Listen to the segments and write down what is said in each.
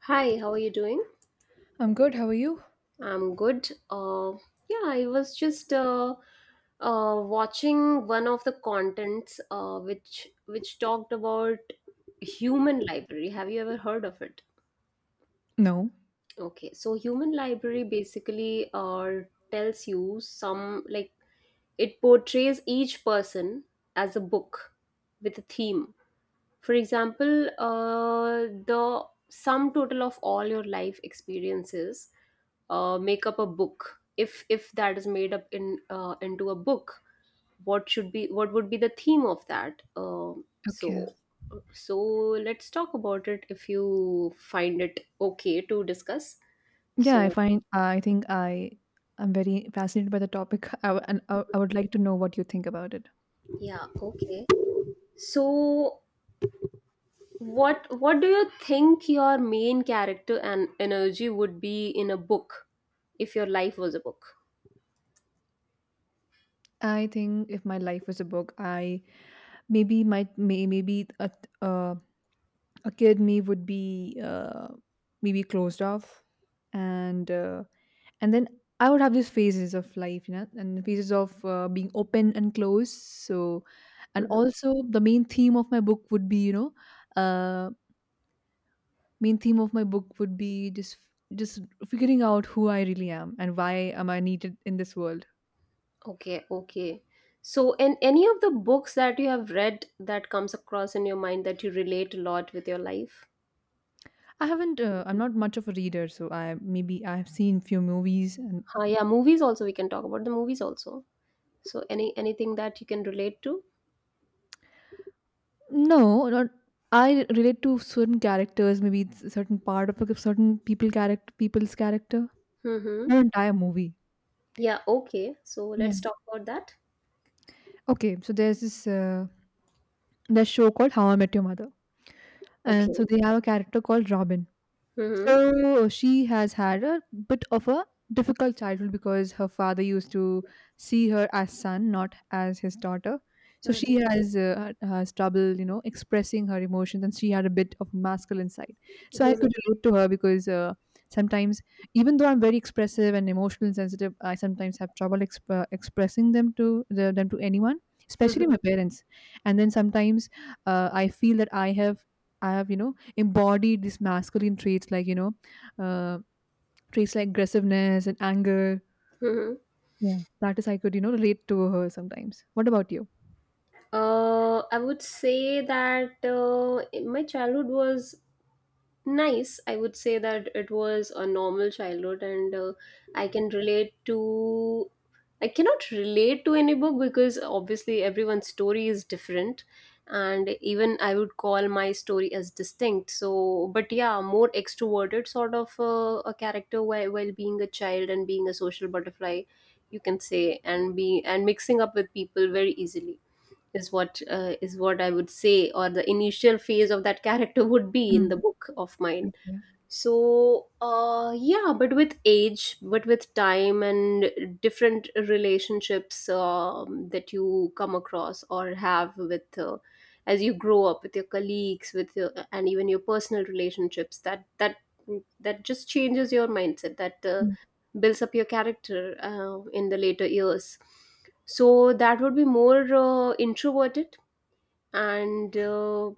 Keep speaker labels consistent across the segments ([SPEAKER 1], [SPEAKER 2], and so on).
[SPEAKER 1] Hi, how are you doing?
[SPEAKER 2] I'm good. How are you?
[SPEAKER 1] I'm good. Yeah, I was just watching one of the contents which talked about human library. Have you ever heard of it?
[SPEAKER 2] No.
[SPEAKER 1] Okay, so human library basically tells you some like it portrays each person as a book with a theme. For example, the sum total of all your life experiences make up a book if that is made up in into a book what would be the theme of that um,
[SPEAKER 2] Okay.
[SPEAKER 1] so So let's talk about it if you find it okay to discuss
[SPEAKER 2] Yeah, I
[SPEAKER 1] so
[SPEAKER 2] find I am very fascinated by the topic. I, w- and I would like to know what you think about it.
[SPEAKER 1] yeah okay so what do you think your main character and energy would be in a book if your life was a book?
[SPEAKER 2] I think if my life was a book, I maybe might may, maybe a uh, a kid me would be, maybe closed off, and uh, and then I would have these phases of life, you know, and phases of, being open and closed. So, and also the main theme of my book would be, you know. uh, Main theme of my book would be just figuring out who I really am and why am I needed in this world.
[SPEAKER 1] Okay, okay. So, in any of the books that you have read that comes across in your mind that you relate a lot with your life?
[SPEAKER 2] I haven't. I'm not much of a reader, so I maybe I've seen few movies and
[SPEAKER 1] Ah, yeah, movies also we can talk about the movies also. So, anything that you can relate to?
[SPEAKER 2] no, not. I relate to certain characters, maybe it's a certain part of a people's character,
[SPEAKER 1] Mm-hmm.
[SPEAKER 2] not entire movie.
[SPEAKER 1] Yeah, okay. So,
[SPEAKER 2] Yeah.
[SPEAKER 1] let's talk about that.
[SPEAKER 2] Okay, so there's this there's show called How I Met Your Mother, and
[SPEAKER 1] Okay.
[SPEAKER 2] so they have a character called Robin.
[SPEAKER 1] Mm-hmm.
[SPEAKER 2] So she has had a bit of a difficult childhood because her father used to see her as son, not as his daughter. So she
[SPEAKER 1] Mm-hmm.
[SPEAKER 2] has, has trouble, you know, expressing her emotions, and she had a bit of masculine side. So I could relate to her because, sometimes, even though I'm very expressive and emotional and sensitive, I sometimes have trouble expressing them to anyone, especially
[SPEAKER 1] Mm-hmm.
[SPEAKER 2] my parents. And then sometimes, I feel that I have, you know, embodied these masculine traits, like, you know, uh, traits like aggressiveness and anger.
[SPEAKER 1] Mm-hmm.
[SPEAKER 2] Yeah, that is, I could, you know, relate to her sometimes. What about you?
[SPEAKER 1] I would say that in my childhood was nice. I would say that it was a normal childhood, and uh, i can relate to i cannot relate to any book, because obviously everyone's story is different, and even I would call my story as distinct. So, but yeah, more extroverted sort of a character while being a child and being a social butterfly, you can say, and be and mixing up with people very easily is what I would say, or the initial phase of that character would be in
[SPEAKER 2] Mm.
[SPEAKER 1] the book of mine.
[SPEAKER 2] Yeah.
[SPEAKER 1] So yeah, but with time and different relationships that you come across or have with as you grow up with your colleagues, with your, and even your personal relationships, that just changes your mindset, that
[SPEAKER 2] Mm.
[SPEAKER 1] builds up your character in the later years. So that would be more and uh,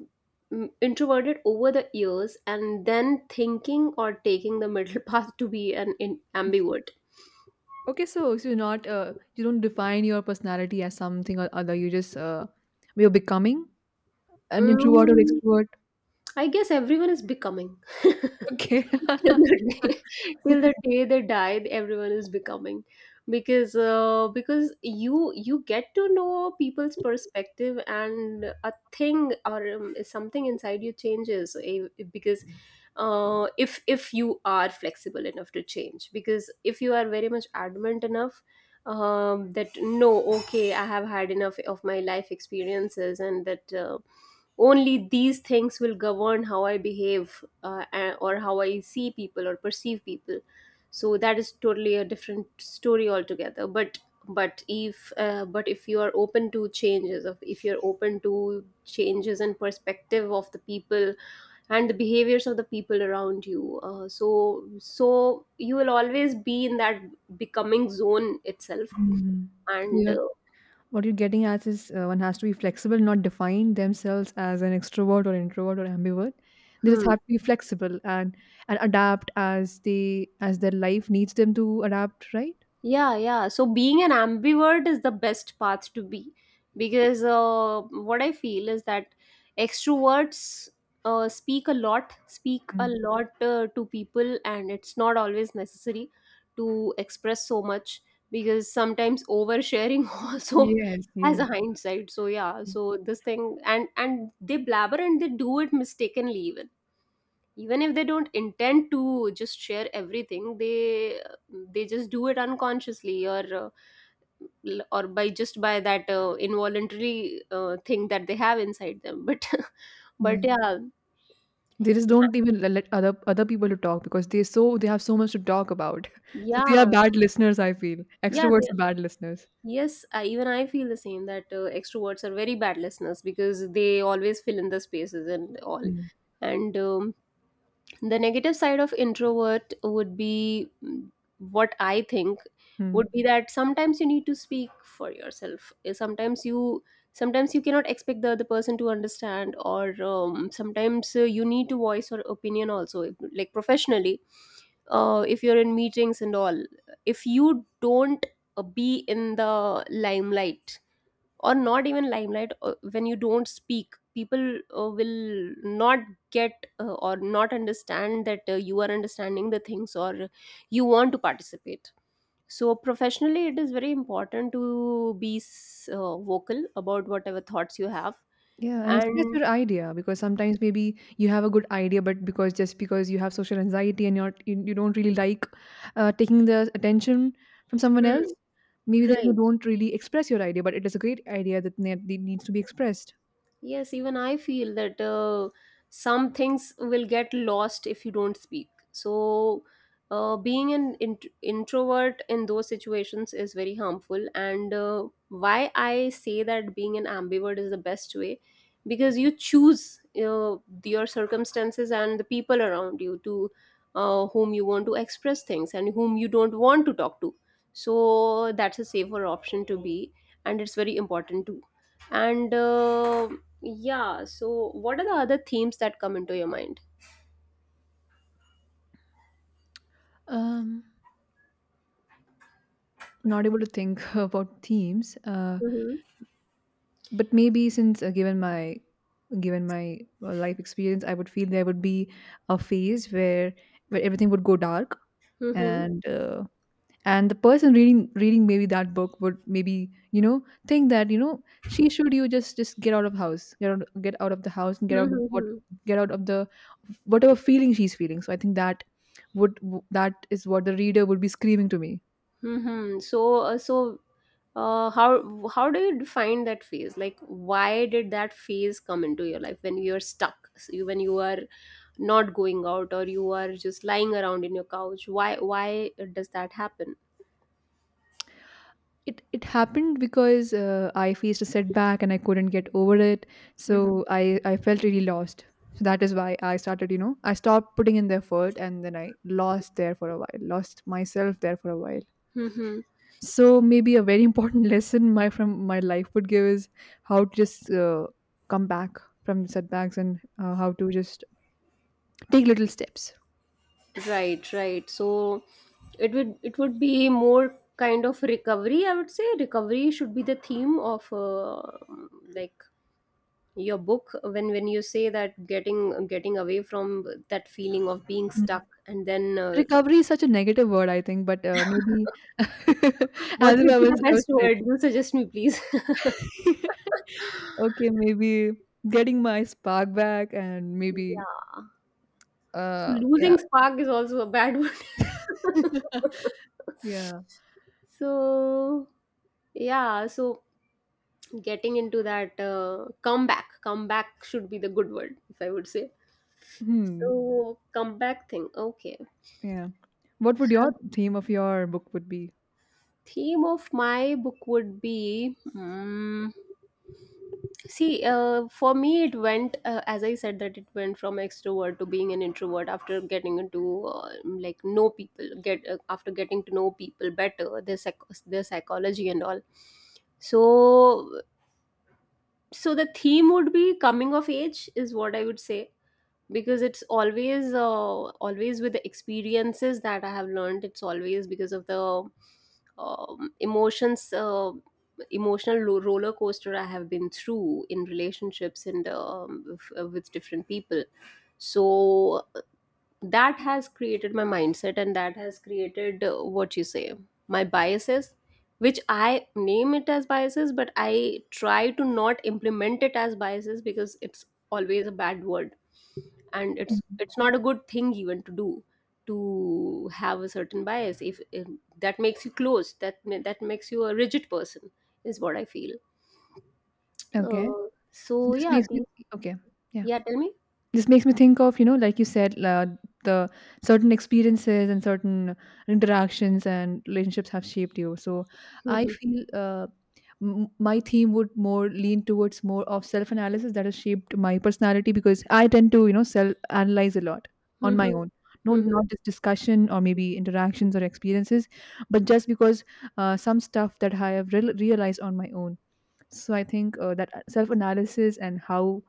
[SPEAKER 1] introverted over the years, and then thinking or taking the middle path to be an ambivert.
[SPEAKER 2] Okay, so, so you're not, you don't define your personality as something or other, you just, you're becoming an introvert or
[SPEAKER 1] Mm,
[SPEAKER 2] extrovert.
[SPEAKER 1] I guess everyone is becoming.
[SPEAKER 2] Okay.
[SPEAKER 1] Till the day, till the day they die everyone is becoming, because because you you get to know people's perspective, and a thing or something inside you changes, because if you are flexible enough to change, because if you are very much adamant enough, that no, okay, I have had enough of my life experiences, and that only these things will govern how I behave, or how I see people or perceive people, so that is totally a different story altogether. But if you are open to changes of if you're open to changes and perspective of the people and the behaviors of the people around you, so you will always be in that becoming zone itself.
[SPEAKER 2] Mhm. So
[SPEAKER 1] And
[SPEAKER 2] you're, what you're getting at is, one has to be flexible, not define themselves as an extrovert or introvert or ambivert. They just
[SPEAKER 1] Hmm.
[SPEAKER 2] have to be flexible and adapt as they as their life needs them to adapt, right?
[SPEAKER 1] Yeah, yeah. So being an ambivert is the best path to be, because what I feel is that extroverts speak a lot, speak a
[SPEAKER 2] Mm.
[SPEAKER 1] lot to people, and it's not always necessary to express so much, because sometimes oversharing also
[SPEAKER 2] Yes,
[SPEAKER 1] has
[SPEAKER 2] yes.
[SPEAKER 1] a hindsight. So yeah, so this thing, and they blabber and they do it mistakenly, even even if they don't intend to just share everything. They just do it unconsciously, or or by just by that involuntary thing that they have inside them, but but
[SPEAKER 2] Yeah.
[SPEAKER 1] yeah.
[SPEAKER 2] They just don't even let other people to talk because they, so they have so much to talk about. So they
[SPEAKER 1] Yeah,
[SPEAKER 2] are bad listeners, I feel.
[SPEAKER 1] yeah they,
[SPEAKER 2] Extroverts are bad listeners.
[SPEAKER 1] even I feel the same that extroverts are very bad listeners because they always fill in the spaces and all.
[SPEAKER 2] Mm.
[SPEAKER 1] And the negative side of introvert would be, mm, what I think would
[SPEAKER 2] Mm.
[SPEAKER 1] be that sometimes you need to speak for yourself. Eh, sometimes you cannot expect the other person to understand, or sometimes you need to voice your opinion also, like professionally, if you're in meetings and all, if you don't be in the limelight, or not even limelight, when you don't speak, people will not get or not understand that you are understanding the things, or you want to participate. So professionally it is very important to be vocal about whatever thoughts you have
[SPEAKER 2] Yeah, and express
[SPEAKER 1] and
[SPEAKER 2] your idea, because sometimes maybe you have a good idea, but because just because you have social anxiety and you don't really like, taking the attention from someone
[SPEAKER 1] Mm.
[SPEAKER 2] else,
[SPEAKER 1] Hmm,
[SPEAKER 2] maybe then you
[SPEAKER 1] right.
[SPEAKER 2] don't really express your idea. But it is a great idea that that needs to be expressed.
[SPEAKER 1] Yes, even I feel that some things will get lost if you don't speak. So, being an introvert in those situations is very harmful. And why I say that being an ambivert is the best way, because you choose your circumstances and the people around you to whom you want to express things and whom you don't want to talk to. So, that's a safer option to be, and it's very important too. And yeah, so what are the other themes that come into your mind?
[SPEAKER 2] Um, Not able to think about themes.
[SPEAKER 1] Mhm.
[SPEAKER 2] But maybe since, given my, life experience, I would feel there would be a phase where everything would go dark,
[SPEAKER 1] Mhm.
[SPEAKER 2] and uh, and the person reading maybe that book would maybe, you know, think that, you know, she should you just get out of house, get out of the house and get out of what,
[SPEAKER 1] Mhm.
[SPEAKER 2] get out of the whatever feeling she's feeling. So I think that would, that is what the reader would be screaming to me.
[SPEAKER 1] Mhm. So how do you define that phase? Like why did that phase come into your life when you're stuck? So when you are not going out, or you are just lying around in your couch? Why does that happen?
[SPEAKER 2] It happened because, I faced a setback and I couldn't get over it. So I felt really lost. So that is why I started, you know, I stopped putting in the effort and then I lost there for a while, lost myself there for a while.
[SPEAKER 1] Mhm.
[SPEAKER 2] So maybe a very important lesson my from my life would give is how to just, come back from setbacks and, how to just take little steps.
[SPEAKER 1] Right, right. So it would be more kind of recovery. I would say recovery should be the theme of like your book, when you say that getting away from that feeling of being
[SPEAKER 2] Mm.
[SPEAKER 1] stuck, and then
[SPEAKER 2] Recovery is such a negative word, I think, but, maybe
[SPEAKER 1] what
[SPEAKER 2] as if I
[SPEAKER 1] would be the
[SPEAKER 2] was I was
[SPEAKER 1] best
[SPEAKER 2] sick.
[SPEAKER 1] word you suggest me, please?
[SPEAKER 2] Okay, maybe getting my spark back, and maybe,
[SPEAKER 1] Yeah, so
[SPEAKER 2] uh, yeah.
[SPEAKER 1] losing spark is also a bad word.
[SPEAKER 2] Yeah.
[SPEAKER 1] So yeah, so getting into that uh, comeback should be the good word, if I would say.
[SPEAKER 2] Hmm.
[SPEAKER 1] So comeback thing, okay.
[SPEAKER 2] Yeah. What would your
[SPEAKER 1] The
[SPEAKER 2] theme of your book would be?
[SPEAKER 1] theme of my book would be, mm, see, for me it went, as I said, that it went from extrovert to being an introvert after getting into like know people get after getting to know people better, their their psychology and all. So so the theme would be coming of age, is what I would say, because it's always always with the experiences that I have learned. It's always because of the emotions emotional roller coaster I have been through in relationships, and with different people. So that has created my mindset, and that has created, what you say, my biases, which I name it as biases, but I try to not implement it as biases because it's always a bad word, and it's not a good thing even to do to have a certain bias, if that makes you close, that makes you a rigid person, is what I feel.
[SPEAKER 2] Okay.
[SPEAKER 1] uh, so
[SPEAKER 2] This
[SPEAKER 1] yeah
[SPEAKER 2] makes me,
[SPEAKER 1] the,
[SPEAKER 2] okay. Yeah.
[SPEAKER 1] yeah, tell me.
[SPEAKER 2] This makes me think of, you know, like you said, the certain experiences and certain interactions and relationships have shaped you. So I
[SPEAKER 1] Mhm.
[SPEAKER 2] feel, my theme would more lean towards more of self analysis that has shaped my personality, because I tend to, you know, self analyze a lot on my
[SPEAKER 1] Mhm.
[SPEAKER 2] own. No,
[SPEAKER 1] Mhm.
[SPEAKER 2] not just discussion or maybe interactions or experiences, but just because, some stuff that I have realized on my own. So I think, that self analysis and how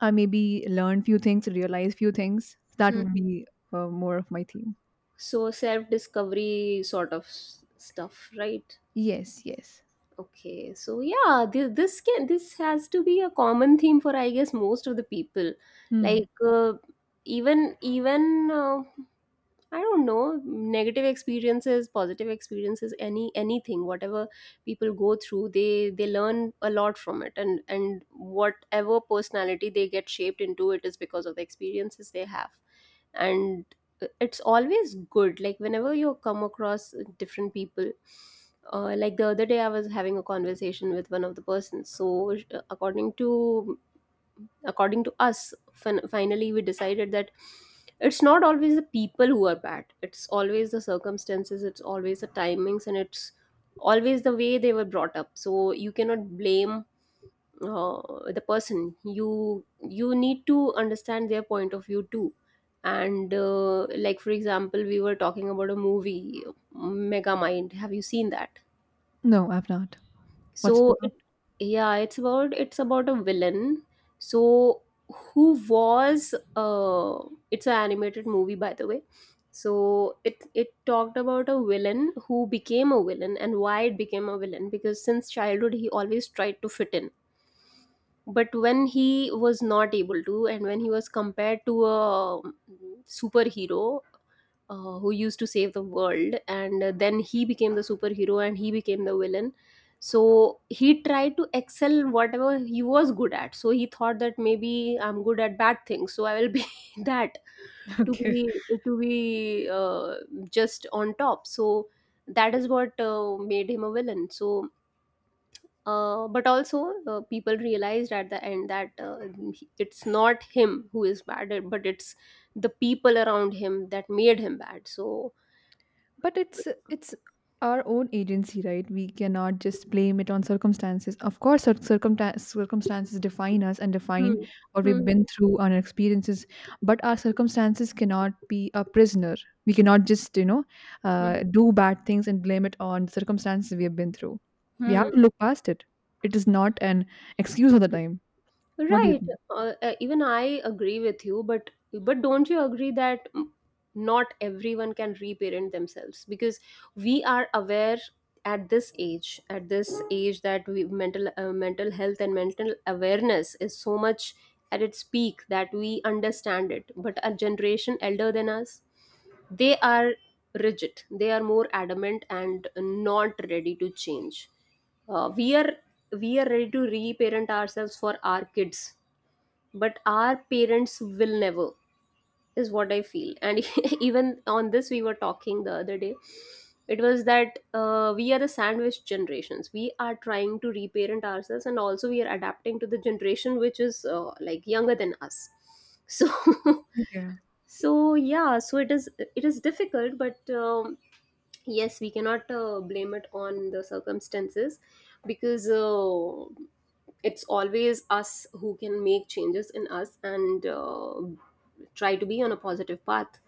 [SPEAKER 2] I maybe learn few things, realize few things. That
[SPEAKER 1] Mhm.
[SPEAKER 2] would be, more of my theme.
[SPEAKER 1] So self discovery sort of stuff, right?
[SPEAKER 2] Yes, yes.
[SPEAKER 1] Okay, so yeah, this has to be a common theme for I guess most of the people. Like
[SPEAKER 2] Hmm.
[SPEAKER 1] even even I don't know, negative experiences, positive experiences, anything, whatever people go through, they learn a lot from it, and whatever personality they get shaped into, it is because of the experiences they have. And it's always good, like whenever you come across different people, like the other day I was having a conversation with one of the persons. So according to us, finally we decided that it's not always the people who are bad, it's always the circumstances, it's always the timings, and it's always the way they were brought up. So you cannot blame uh, the person, you need to understand their point of view too. And like for example, we were talking about a movie, mega mind have you seen that?
[SPEAKER 2] No, I've not. What's the?
[SPEAKER 1] so it, yeah, it's about a villain. So who was it's an animated movie, by the way. So it talked about a villain who became a villain, and why it became a villain, because since childhood he always tried to fit in. But when he was not able to, and when he was compared to a superhero who used to save the world, and then he became the superhero and he became the villain. So he tried to excel whatever he was good at, so he thought that maybe I'm good at bad things, so I will be that, to
[SPEAKER 2] Okay.
[SPEAKER 1] be to be just on top. So that is what made him a villain. So but also, people realized at the end that it's not him who is bad, but it's the people around him that made him bad. So,
[SPEAKER 2] But it's our own agency, right? We cannot just blame it on circumstances. Of course, circumstances define us and define
[SPEAKER 1] hmm,
[SPEAKER 2] what we've
[SPEAKER 1] hmm,
[SPEAKER 2] been through on our experiences, but our circumstances cannot be a prisoner. We cannot just, you know,
[SPEAKER 1] hmm,
[SPEAKER 2] do bad things and blame it on circumstances we have been through. We
[SPEAKER 1] hmm.
[SPEAKER 2] have to look past it. It is not an excuse all the time. What do
[SPEAKER 1] Right.
[SPEAKER 2] you
[SPEAKER 1] Even I agree with you, but don't you agree that not everyone can reparent themselves because we are aware at this age, that mental mental health and mental awareness is so much at its peak that we understand it. But a generation elder than us, they are rigid. They are more adamant and not ready to change. We are we are ready to reparent ourselves for our kids, but our parents will never, is what I feel. And even on this, we were talking the other day. It was that we are the sandwich generations. We are trying to reparent ourselves, and also we are adapting to the generation which is like younger than us. So
[SPEAKER 2] think? Yeah,
[SPEAKER 1] so yeah, so it is, it is difficult, but yes, we cannot blame it on the circumstances, because it's always us who can make changes in us, and try to be on a positive path.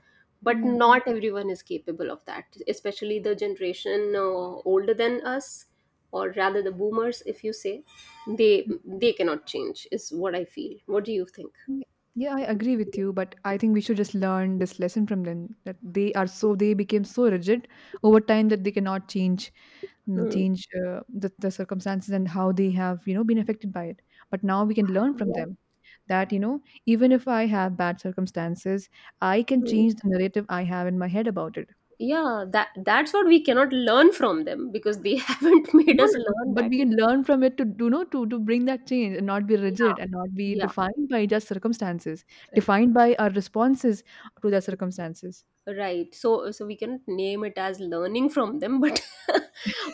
[SPEAKER 1] But
[SPEAKER 2] yeah.
[SPEAKER 1] not everyone is capable of that, especially the generation older than us, or rather the boomers, if you say. They cannot change, is what I feel. What do you think?
[SPEAKER 2] Yeah, I agree with you, but I think we should just learn this lesson from them, that they are so, they became so rigid over time that they cannot change, mm,
[SPEAKER 1] Hmm.
[SPEAKER 2] change, the circumstances and how they have, you know, been affected by it. But now we can learn from
[SPEAKER 1] Yeah.
[SPEAKER 2] them that, you know, even if I have bad circumstances, I can
[SPEAKER 1] Hmm.
[SPEAKER 2] change the narrative I have in my head about it.
[SPEAKER 1] Yeah, that that's what we cannot learn from them, because they haven't made
[SPEAKER 2] No,
[SPEAKER 1] us
[SPEAKER 2] no,
[SPEAKER 1] learn
[SPEAKER 2] but
[SPEAKER 1] that.
[SPEAKER 2] we can learn from it to do know to bring that change and not be rigid and not be
[SPEAKER 1] Yeah,
[SPEAKER 2] defined by just circumstances,
[SPEAKER 1] yeah.
[SPEAKER 2] defined by our responses to their circumstances.
[SPEAKER 1] Right. So we cannot name it as learning from them, but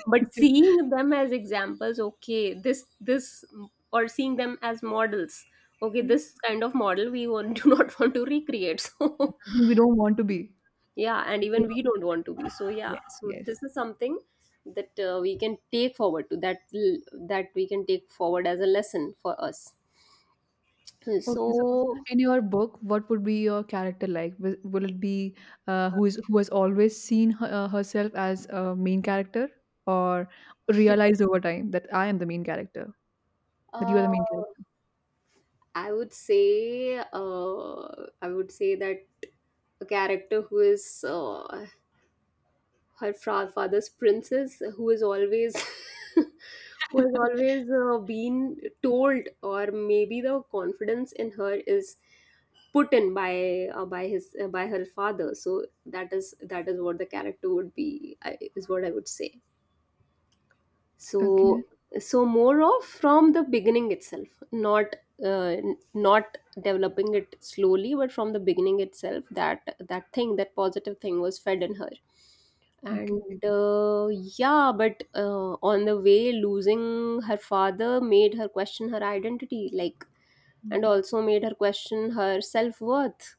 [SPEAKER 1] but seeing them as examples, okay, this, or seeing them as models. Okay,
[SPEAKER 2] Hmm,
[SPEAKER 1] this kind of model we want do not want to recreate. So
[SPEAKER 2] something we don't want to be.
[SPEAKER 1] yeah, and
[SPEAKER 2] Something we
[SPEAKER 1] even we
[SPEAKER 2] don't,
[SPEAKER 1] don't want to be. So yeah,
[SPEAKER 2] yes,
[SPEAKER 1] so this
[SPEAKER 2] yes.
[SPEAKER 1] is something that we can take forward to that we can take forward as a lesson for us.
[SPEAKER 2] Okay, so
[SPEAKER 1] So
[SPEAKER 2] in your book, what would be your character like? Will it be, who is, who has always seen herself as a main character, or realized over time that I am the main character, that you are
[SPEAKER 1] uh
[SPEAKER 2] the main character?
[SPEAKER 1] I would say, uh, I would say that a character who is her father's princess, who is always, who has always been told, or maybe the confidence in her is put in by his by her father. So that is what the character would be. Is what I would say. So
[SPEAKER 2] Okay,
[SPEAKER 1] so more of from the beginning itself, not not developing it slowly, but from the beginning itself, that that thing that positive thing was fed in her.
[SPEAKER 2] okay.
[SPEAKER 1] And yeah, but on the way, losing her father made her question her identity, like,
[SPEAKER 2] Mm,
[SPEAKER 1] and also made her question her self-worth,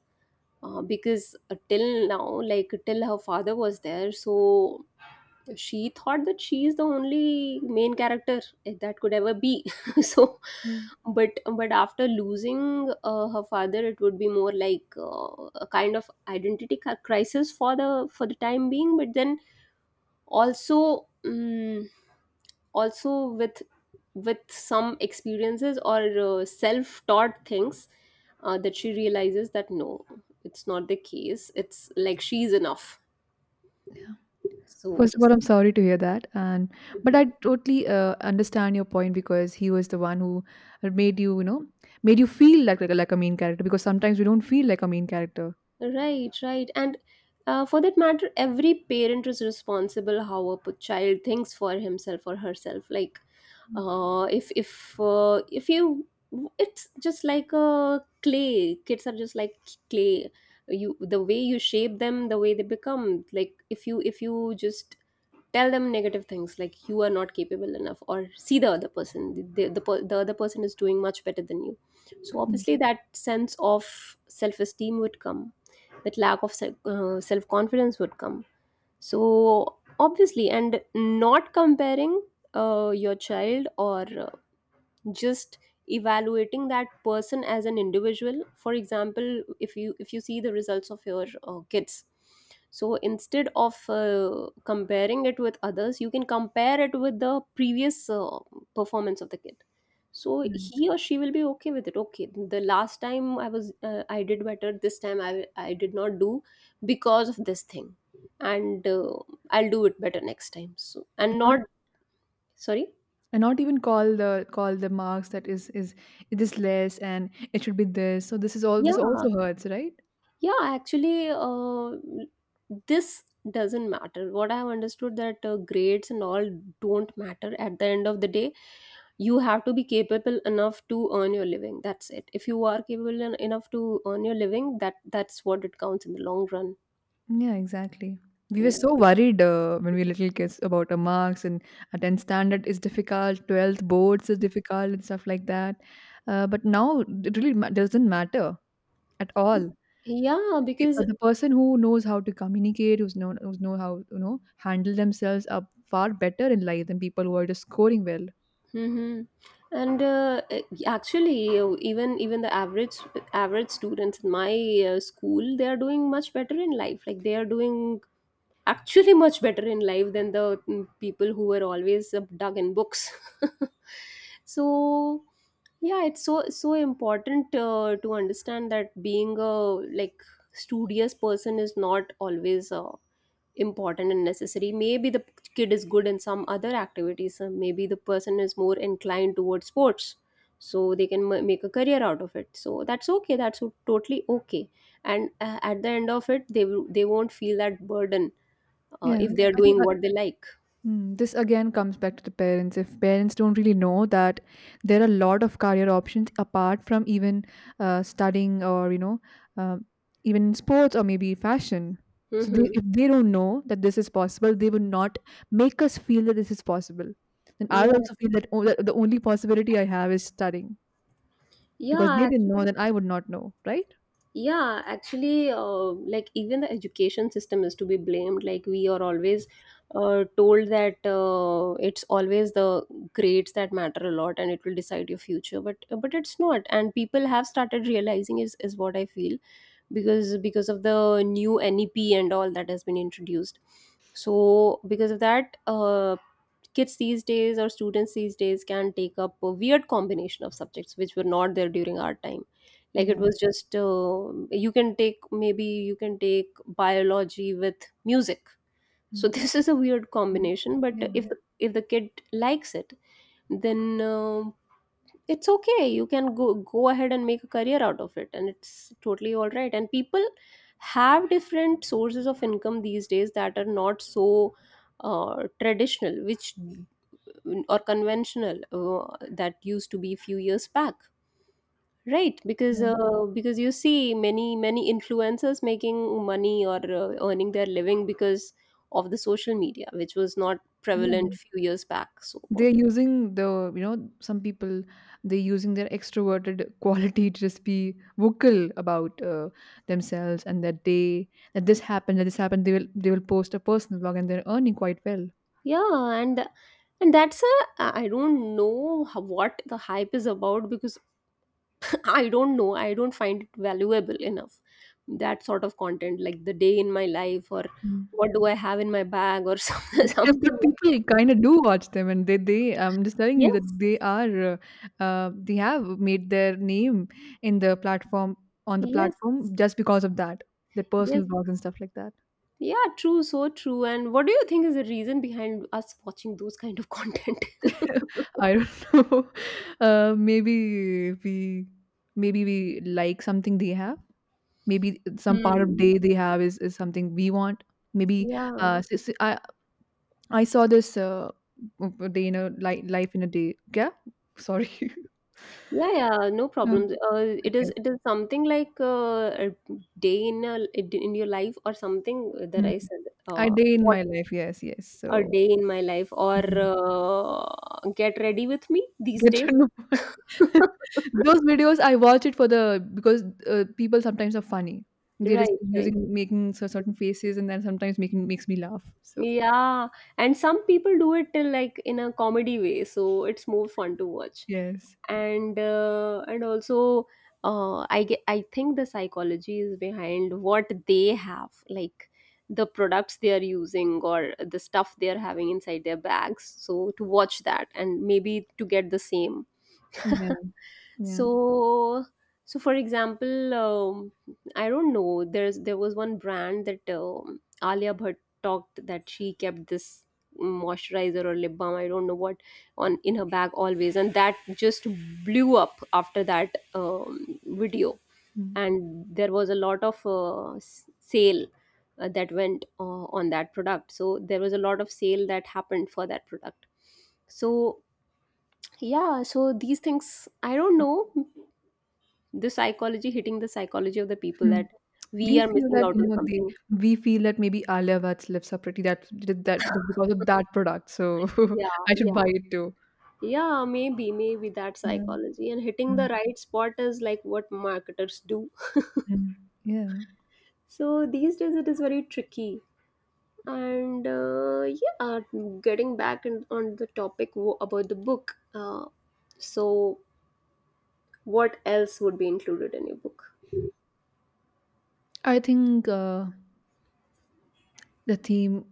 [SPEAKER 1] because till now, like till her father was there, so she thought that she is the only main character that could ever be. So
[SPEAKER 2] yeah.
[SPEAKER 1] but after losing her father, it would be more like a kind of identity crisis for the time being, but then also also with some experiences or self taught things, that she realizes that no, it's not the case, it's like she's enough. So
[SPEAKER 2] First of all, I'm sorry to hear that, and but
[SPEAKER 1] mm-hmm.
[SPEAKER 2] I totally, understand your point, because he was the one who made you, you know, made you feel like, like a main character, because sometimes we don't feel like a main character.
[SPEAKER 1] Right, right. And for that matter, every parent is responsible how a child thinks for himself or herself. Like, if you, it's just like a clay. Kids are just like clay. You the way you shape them, the way they become. Like if you just tell them negative things like you are not capable enough, or see the other person, the other person is doing much better than you, so
[SPEAKER 2] Mhm.
[SPEAKER 1] obviously that sense of self-esteem would come, that lack of self-confidence would come. So obviously, and not comparing your child, or just evaluating that person as an individual. For example, if you see the results of your kids, so instead of comparing it with others, you can compare it with the previous performance of the kid. So
[SPEAKER 2] Right.
[SPEAKER 1] he or she will be okay with it. Okay, the last time I was I did better, this time I did not do because of this thing, and I'll do it better next time. So and
[SPEAKER 2] And not,
[SPEAKER 1] not sorry
[SPEAKER 2] and not even call the marks, that is it is less and it should be this. So this is all, this
[SPEAKER 1] yeah.
[SPEAKER 2] also hurts, right?
[SPEAKER 1] Yeah, actually, this doesn't matter. What I've understood, that grades and all don't matter at the end of the day. You have to be capable enough to earn your living. That's it. If you are capable enough to earn your living, that that's what it counts in the long run.
[SPEAKER 2] Yeah, exactly. We were
[SPEAKER 1] Yeah.
[SPEAKER 2] so worried, when we were little kids about our marks and, 10th standard is difficult, 12th boards is difficult, and stuff like that. But now it really doesn't matter at all.
[SPEAKER 1] Yeah,
[SPEAKER 2] The,
[SPEAKER 1] because
[SPEAKER 2] the person who knows how to communicate, who's know how, you know, handle themselves, are far better in life than people who are just scoring well.
[SPEAKER 1] hmm. And actually, even the average students in my school, they are doing much better in life. Like they are doing actually much better in life than the people who were always dug in books. So yeah, it's so important to understand that being a like studious person is not always important and necessary. Maybe the kid is good in some other activities, maybe the person is more inclined towards sports, so they can make a career out of it. So that's okay, that's totally okay. And at the end of it, they won't feel that burden
[SPEAKER 2] Yeah,
[SPEAKER 1] if they are
[SPEAKER 2] I think,
[SPEAKER 1] doing what they like.
[SPEAKER 2] mm, this again comes back to the parents. If parents don't really know that there are a lot of career options apart from even, studying, or, you know, uh, even in sports or maybe fashion. So they,
[SPEAKER 1] Hmm.
[SPEAKER 2] if they don't know that this is possible, they would not make us feel that this is possible. And I
[SPEAKER 1] Yeah,
[SPEAKER 2] also feel that, that the only possibility I have is studying, because
[SPEAKER 1] yeah,
[SPEAKER 2] they didn't know,
[SPEAKER 1] actually,
[SPEAKER 2] then I would not know, right?
[SPEAKER 1] yeah, actually, like even the education system is to be blamed. Like we are always told that it's always the grades that matter a lot, and it will decide your future. But it's not, and people have started realizing, is what I feel, because of the new NEP and all that has been introduced. So because of that, kids these days or students these days can take up a weird combination of subjects which were not there during our time. Like it
[SPEAKER 2] Yeah.
[SPEAKER 1] was just you can take, maybe you can take biology with music. So
[SPEAKER 2] Mm.
[SPEAKER 1] this is a weird
[SPEAKER 2] Mm.
[SPEAKER 1] combination,
[SPEAKER 2] Yeah.
[SPEAKER 1] but if the kid likes it, then it's okay, you can go ahead and make a career out of it, and it's totally all right. And people have different sources of income these days that are not so traditional, which or conventional, that used to be few years back. Right, because
[SPEAKER 2] Right.
[SPEAKER 1] you see many influencers making money, or earning their living because of the social media, which was not prevalent few years back. So
[SPEAKER 2] They're using, the you know, some people, they're using their extroverted quality to just be vocal about, themselves, and that they, that this happened, that this happened, they will post a personal blog and they're earning quite well.
[SPEAKER 1] yeah, and and that's a, I don't know how- what the hype is about, because I don't know. I don't find it valuable enough. That sort of content, like the day in my life, or
[SPEAKER 2] Mm.
[SPEAKER 1] what do I have in my bag, or some-
[SPEAKER 2] Yeah,
[SPEAKER 1] something
[SPEAKER 2] but
[SPEAKER 1] like
[SPEAKER 2] people
[SPEAKER 1] that.
[SPEAKER 2] kind of do watch them, and they I'm just telling you that
[SPEAKER 1] Yes,
[SPEAKER 2] they are, they have made their name in the platform on the
[SPEAKER 1] yes,
[SPEAKER 2] platform just because of that, their
[SPEAKER 1] yes.
[SPEAKER 2] personal blogs and stuff like that.
[SPEAKER 1] Yeah, true, so true. And what do you think is the reason behind us watching those kind of content?
[SPEAKER 2] I don't know. Maybe we like something they have. Maybe some part of
[SPEAKER 1] Hmm.
[SPEAKER 2] day they have is something we want. Maybe,
[SPEAKER 1] Yeah.
[SPEAKER 2] I saw this, day in a life in a day. Yeah, sorry.
[SPEAKER 1] Yeah, yeah, no
[SPEAKER 2] Um,
[SPEAKER 1] problems. It is,
[SPEAKER 2] okay.
[SPEAKER 1] it is something like a day in a, in your life or something that
[SPEAKER 2] Mm.
[SPEAKER 1] I said.
[SPEAKER 2] A day in
[SPEAKER 1] What,
[SPEAKER 2] my life. Yes, yes.
[SPEAKER 1] a
[SPEAKER 2] So.
[SPEAKER 1] day in my life, or get ready with me these
[SPEAKER 2] Good
[SPEAKER 1] days.
[SPEAKER 2] to know. Those videos, I watch it for the because, people sometimes are funny. They're just
[SPEAKER 1] Right, right.
[SPEAKER 2] using making certain faces and then sometimes making makes me laugh. So
[SPEAKER 1] Yeah, and some people do it till like in a comedy way, so it's more fun to watch.
[SPEAKER 2] yes.
[SPEAKER 1] And also I get, I think the psychology is behind what they have, like the products they are using or the stuff they are having inside their bags. So to watch that and maybe to get the same.
[SPEAKER 2] Yeah, yeah.
[SPEAKER 1] So so for example I don't know, there's there was one brand that Alia Bhatt talked that she kept this moisturizer or lip balm, I don't know what, on in her bag always, and that just blew up after that video.
[SPEAKER 2] Mm.
[SPEAKER 1] And there was a lot of sale that went on that product. So there was a lot of sale that happened for that product. So yeah, so these things, I don't know, the psychology, hitting the psychology of the people that
[SPEAKER 2] Mm.
[SPEAKER 1] we
[SPEAKER 2] We
[SPEAKER 1] are
[SPEAKER 2] feel
[SPEAKER 1] missing
[SPEAKER 2] that,
[SPEAKER 1] out
[SPEAKER 2] you
[SPEAKER 1] on
[SPEAKER 2] know, they,
[SPEAKER 1] something.
[SPEAKER 2] we feel that maybe Alia Bhatt's lips are pretty. That that that that's because of that product, so
[SPEAKER 1] Yeah,
[SPEAKER 2] I should
[SPEAKER 1] yeah,
[SPEAKER 2] buy it too.
[SPEAKER 1] yeah, maybe, maybe that
[SPEAKER 2] Yeah.
[SPEAKER 1] psychology and hitting the
[SPEAKER 2] Mm,
[SPEAKER 1] right spot is like what marketers do.
[SPEAKER 2] mm. Yeah.
[SPEAKER 1] So these days it is very tricky. And yeah, getting back in, on the topic about the book. So, what else would be included in your book?
[SPEAKER 2] I think, the theme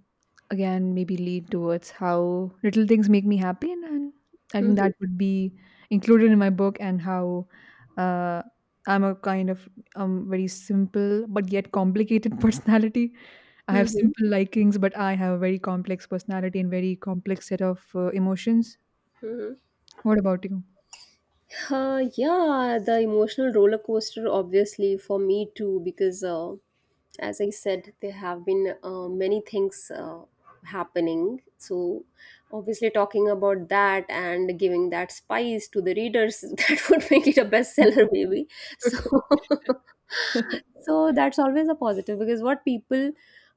[SPEAKER 2] again maybe lead towards how little things make me happy, and I think
[SPEAKER 1] Mm-hmm.
[SPEAKER 2] that would be included in my book, and how, uh, I'm a kind of, very simple but yet complicated personality. I have
[SPEAKER 1] Mm-hmm.
[SPEAKER 2] simple likings but I have a very complex personality and very complex set of, emotions.
[SPEAKER 1] Mm-hmm.
[SPEAKER 2] What about you?
[SPEAKER 1] Yeah, the emotional roller coaster, obviously, for me too, because as I said, there have been many things happening. So, obviously, talking about that and giving that spice to the readers that would make it a bestseller,
[SPEAKER 2] Mhm.
[SPEAKER 1] maybe. So, so that's always a positive, because what people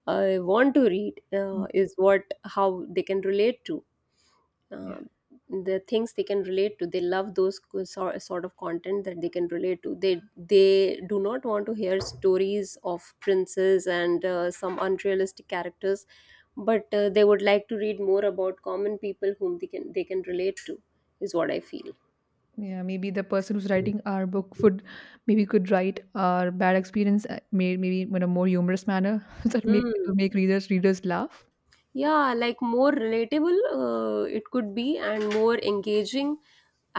[SPEAKER 1] want to read is what, how they can relate to, uh, the things they can relate to, they love those sort of content that they can relate to. They do not want to hear stories of princes and some unrealistic characters, but they would like to read more about common people whom they can relate to, is what I feel.
[SPEAKER 2] Yeah, maybe the person who's writing our book would maybe could write our bad experience, maybe in a more humorous manner that make
[SPEAKER 1] Hmm.
[SPEAKER 2] to make readers laugh.
[SPEAKER 1] Yeah, like more relatable it could be, and more engaging,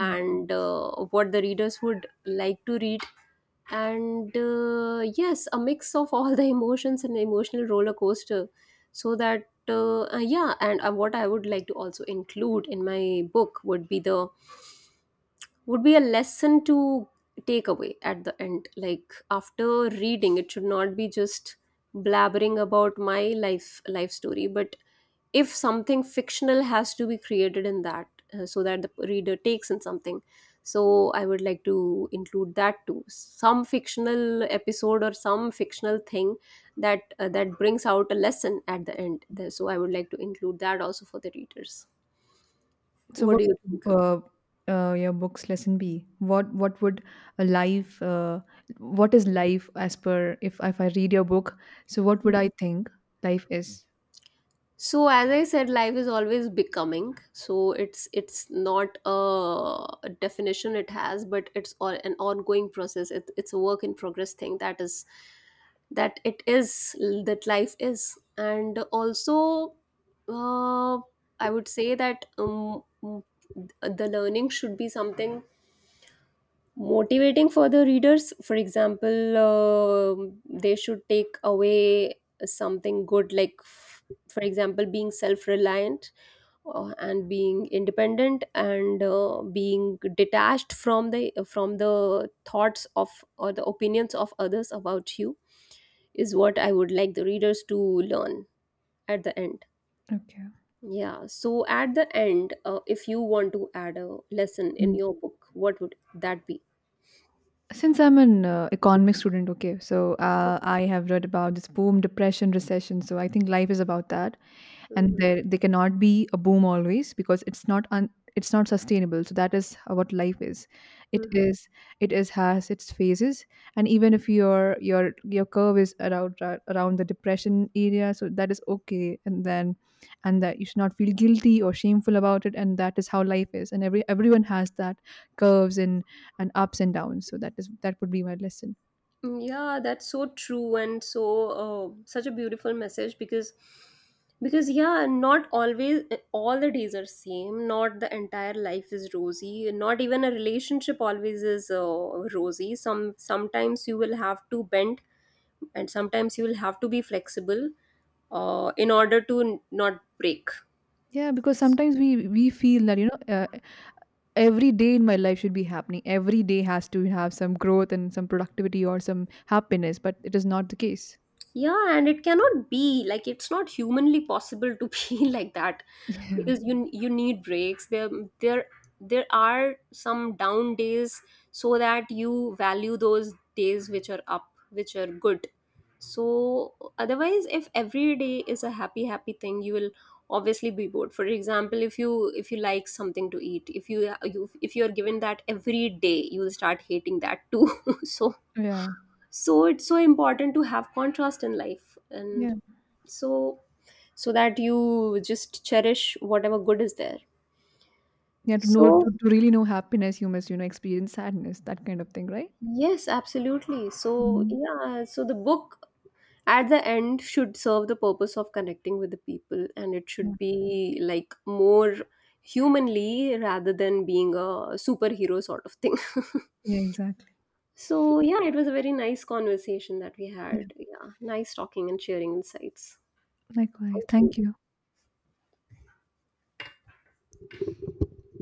[SPEAKER 2] Mm.
[SPEAKER 1] what the readers would like to read, and yes, a mix of all the emotions and emotional roller coaster. So that yeah. And what I would like to also include in my book would be the, would be a lesson to take away at the end, like after reading, it should not be just blabbering about my life story, but if something fictional has to be created in that, so that the reader takes in something. So I would like to include that too, some fictional episode or some fictional thing that that brings out a lesson at the end. So I would like to include that also for the readers.
[SPEAKER 2] So
[SPEAKER 1] What
[SPEAKER 2] what
[SPEAKER 1] do you think?
[SPEAKER 2] would, your book's lesson be? What would a life, what is life as per, if I read your book, so what would I think life is?
[SPEAKER 1] So as I said, life is always becoming, so it's not a definition it has, but it's all an ongoing process. It's a work in progress thing, that is that it is that life is. And also uh, I would say that the learning should be something motivating for the readers. For example, they should take away something good, like for example, being self-reliant and being independent, and being detached from the thoughts of, or the opinions of others about you, is what I would like the readers to learn at the end.
[SPEAKER 2] Okay.
[SPEAKER 1] Yeah, so at the end, if you want to add a lesson in your book, what would that be?
[SPEAKER 2] Since I'm an, economics student, okay, so, I have read about this boom, depression, recession. So I think life is about that, and
[SPEAKER 1] Mhm.
[SPEAKER 2] there they cannot be a boom always because it's not it's not sustainable. So that is how, what life is. It
[SPEAKER 1] Mhm.
[SPEAKER 2] is it is has its phases, and even if your curve is around around the depression area, so that is okay, and then, and that you should not feel guilty or shameful about it, and that is how life is. And every, everyone has that curves and ups and downs. So that is, that would be my lesson.
[SPEAKER 1] Mm, yeah, that's so true. And so such a beautiful message, because yeah, not always, all the days are same. Not the entire life is rosy. Not even a relationship always is rosy. Sometimes you will have to bend, and sometimes you will have to be flexible in order to not break.
[SPEAKER 2] Yeah, because sometimes we feel that, you know, every day in my life should be happening, every day has to have some growth and some productivity or some happiness, but it is not the case.
[SPEAKER 1] Yeah, and it cannot be like, it's not humanly possible to be like that,
[SPEAKER 2] yeah.
[SPEAKER 1] because you need breaks. There there are some down days, so that you value those days which are up, which are good. So otherwise, if every day is a happy happy thing, you will obviously be bored. For example, if you like something to eat, if you, you, if you are given that every day, you will start hating that too. So
[SPEAKER 2] Yeah,
[SPEAKER 1] so it's so important to have contrast in life. And
[SPEAKER 2] yeah,
[SPEAKER 1] so so that you just cherish whatever good is there.
[SPEAKER 2] yeah. To know
[SPEAKER 1] So
[SPEAKER 2] to really know happiness you must, you know, experience sadness, that kind of thing, right?
[SPEAKER 1] yes, absolutely. So
[SPEAKER 2] Mhm.
[SPEAKER 1] yeah, so the book at the end should serve the purpose of connecting with the people, and it
[SPEAKER 2] Yeah.
[SPEAKER 1] should be like more humanly rather than being a superhero sort of thing.
[SPEAKER 2] Yeah, exactly.
[SPEAKER 1] So yeah, it was a very nice conversation that we
[SPEAKER 2] Yeah,
[SPEAKER 1] had. Yeah, nice talking and sharing insights.
[SPEAKER 2] likewise,
[SPEAKER 1] Thank you.
[SPEAKER 2] thank you.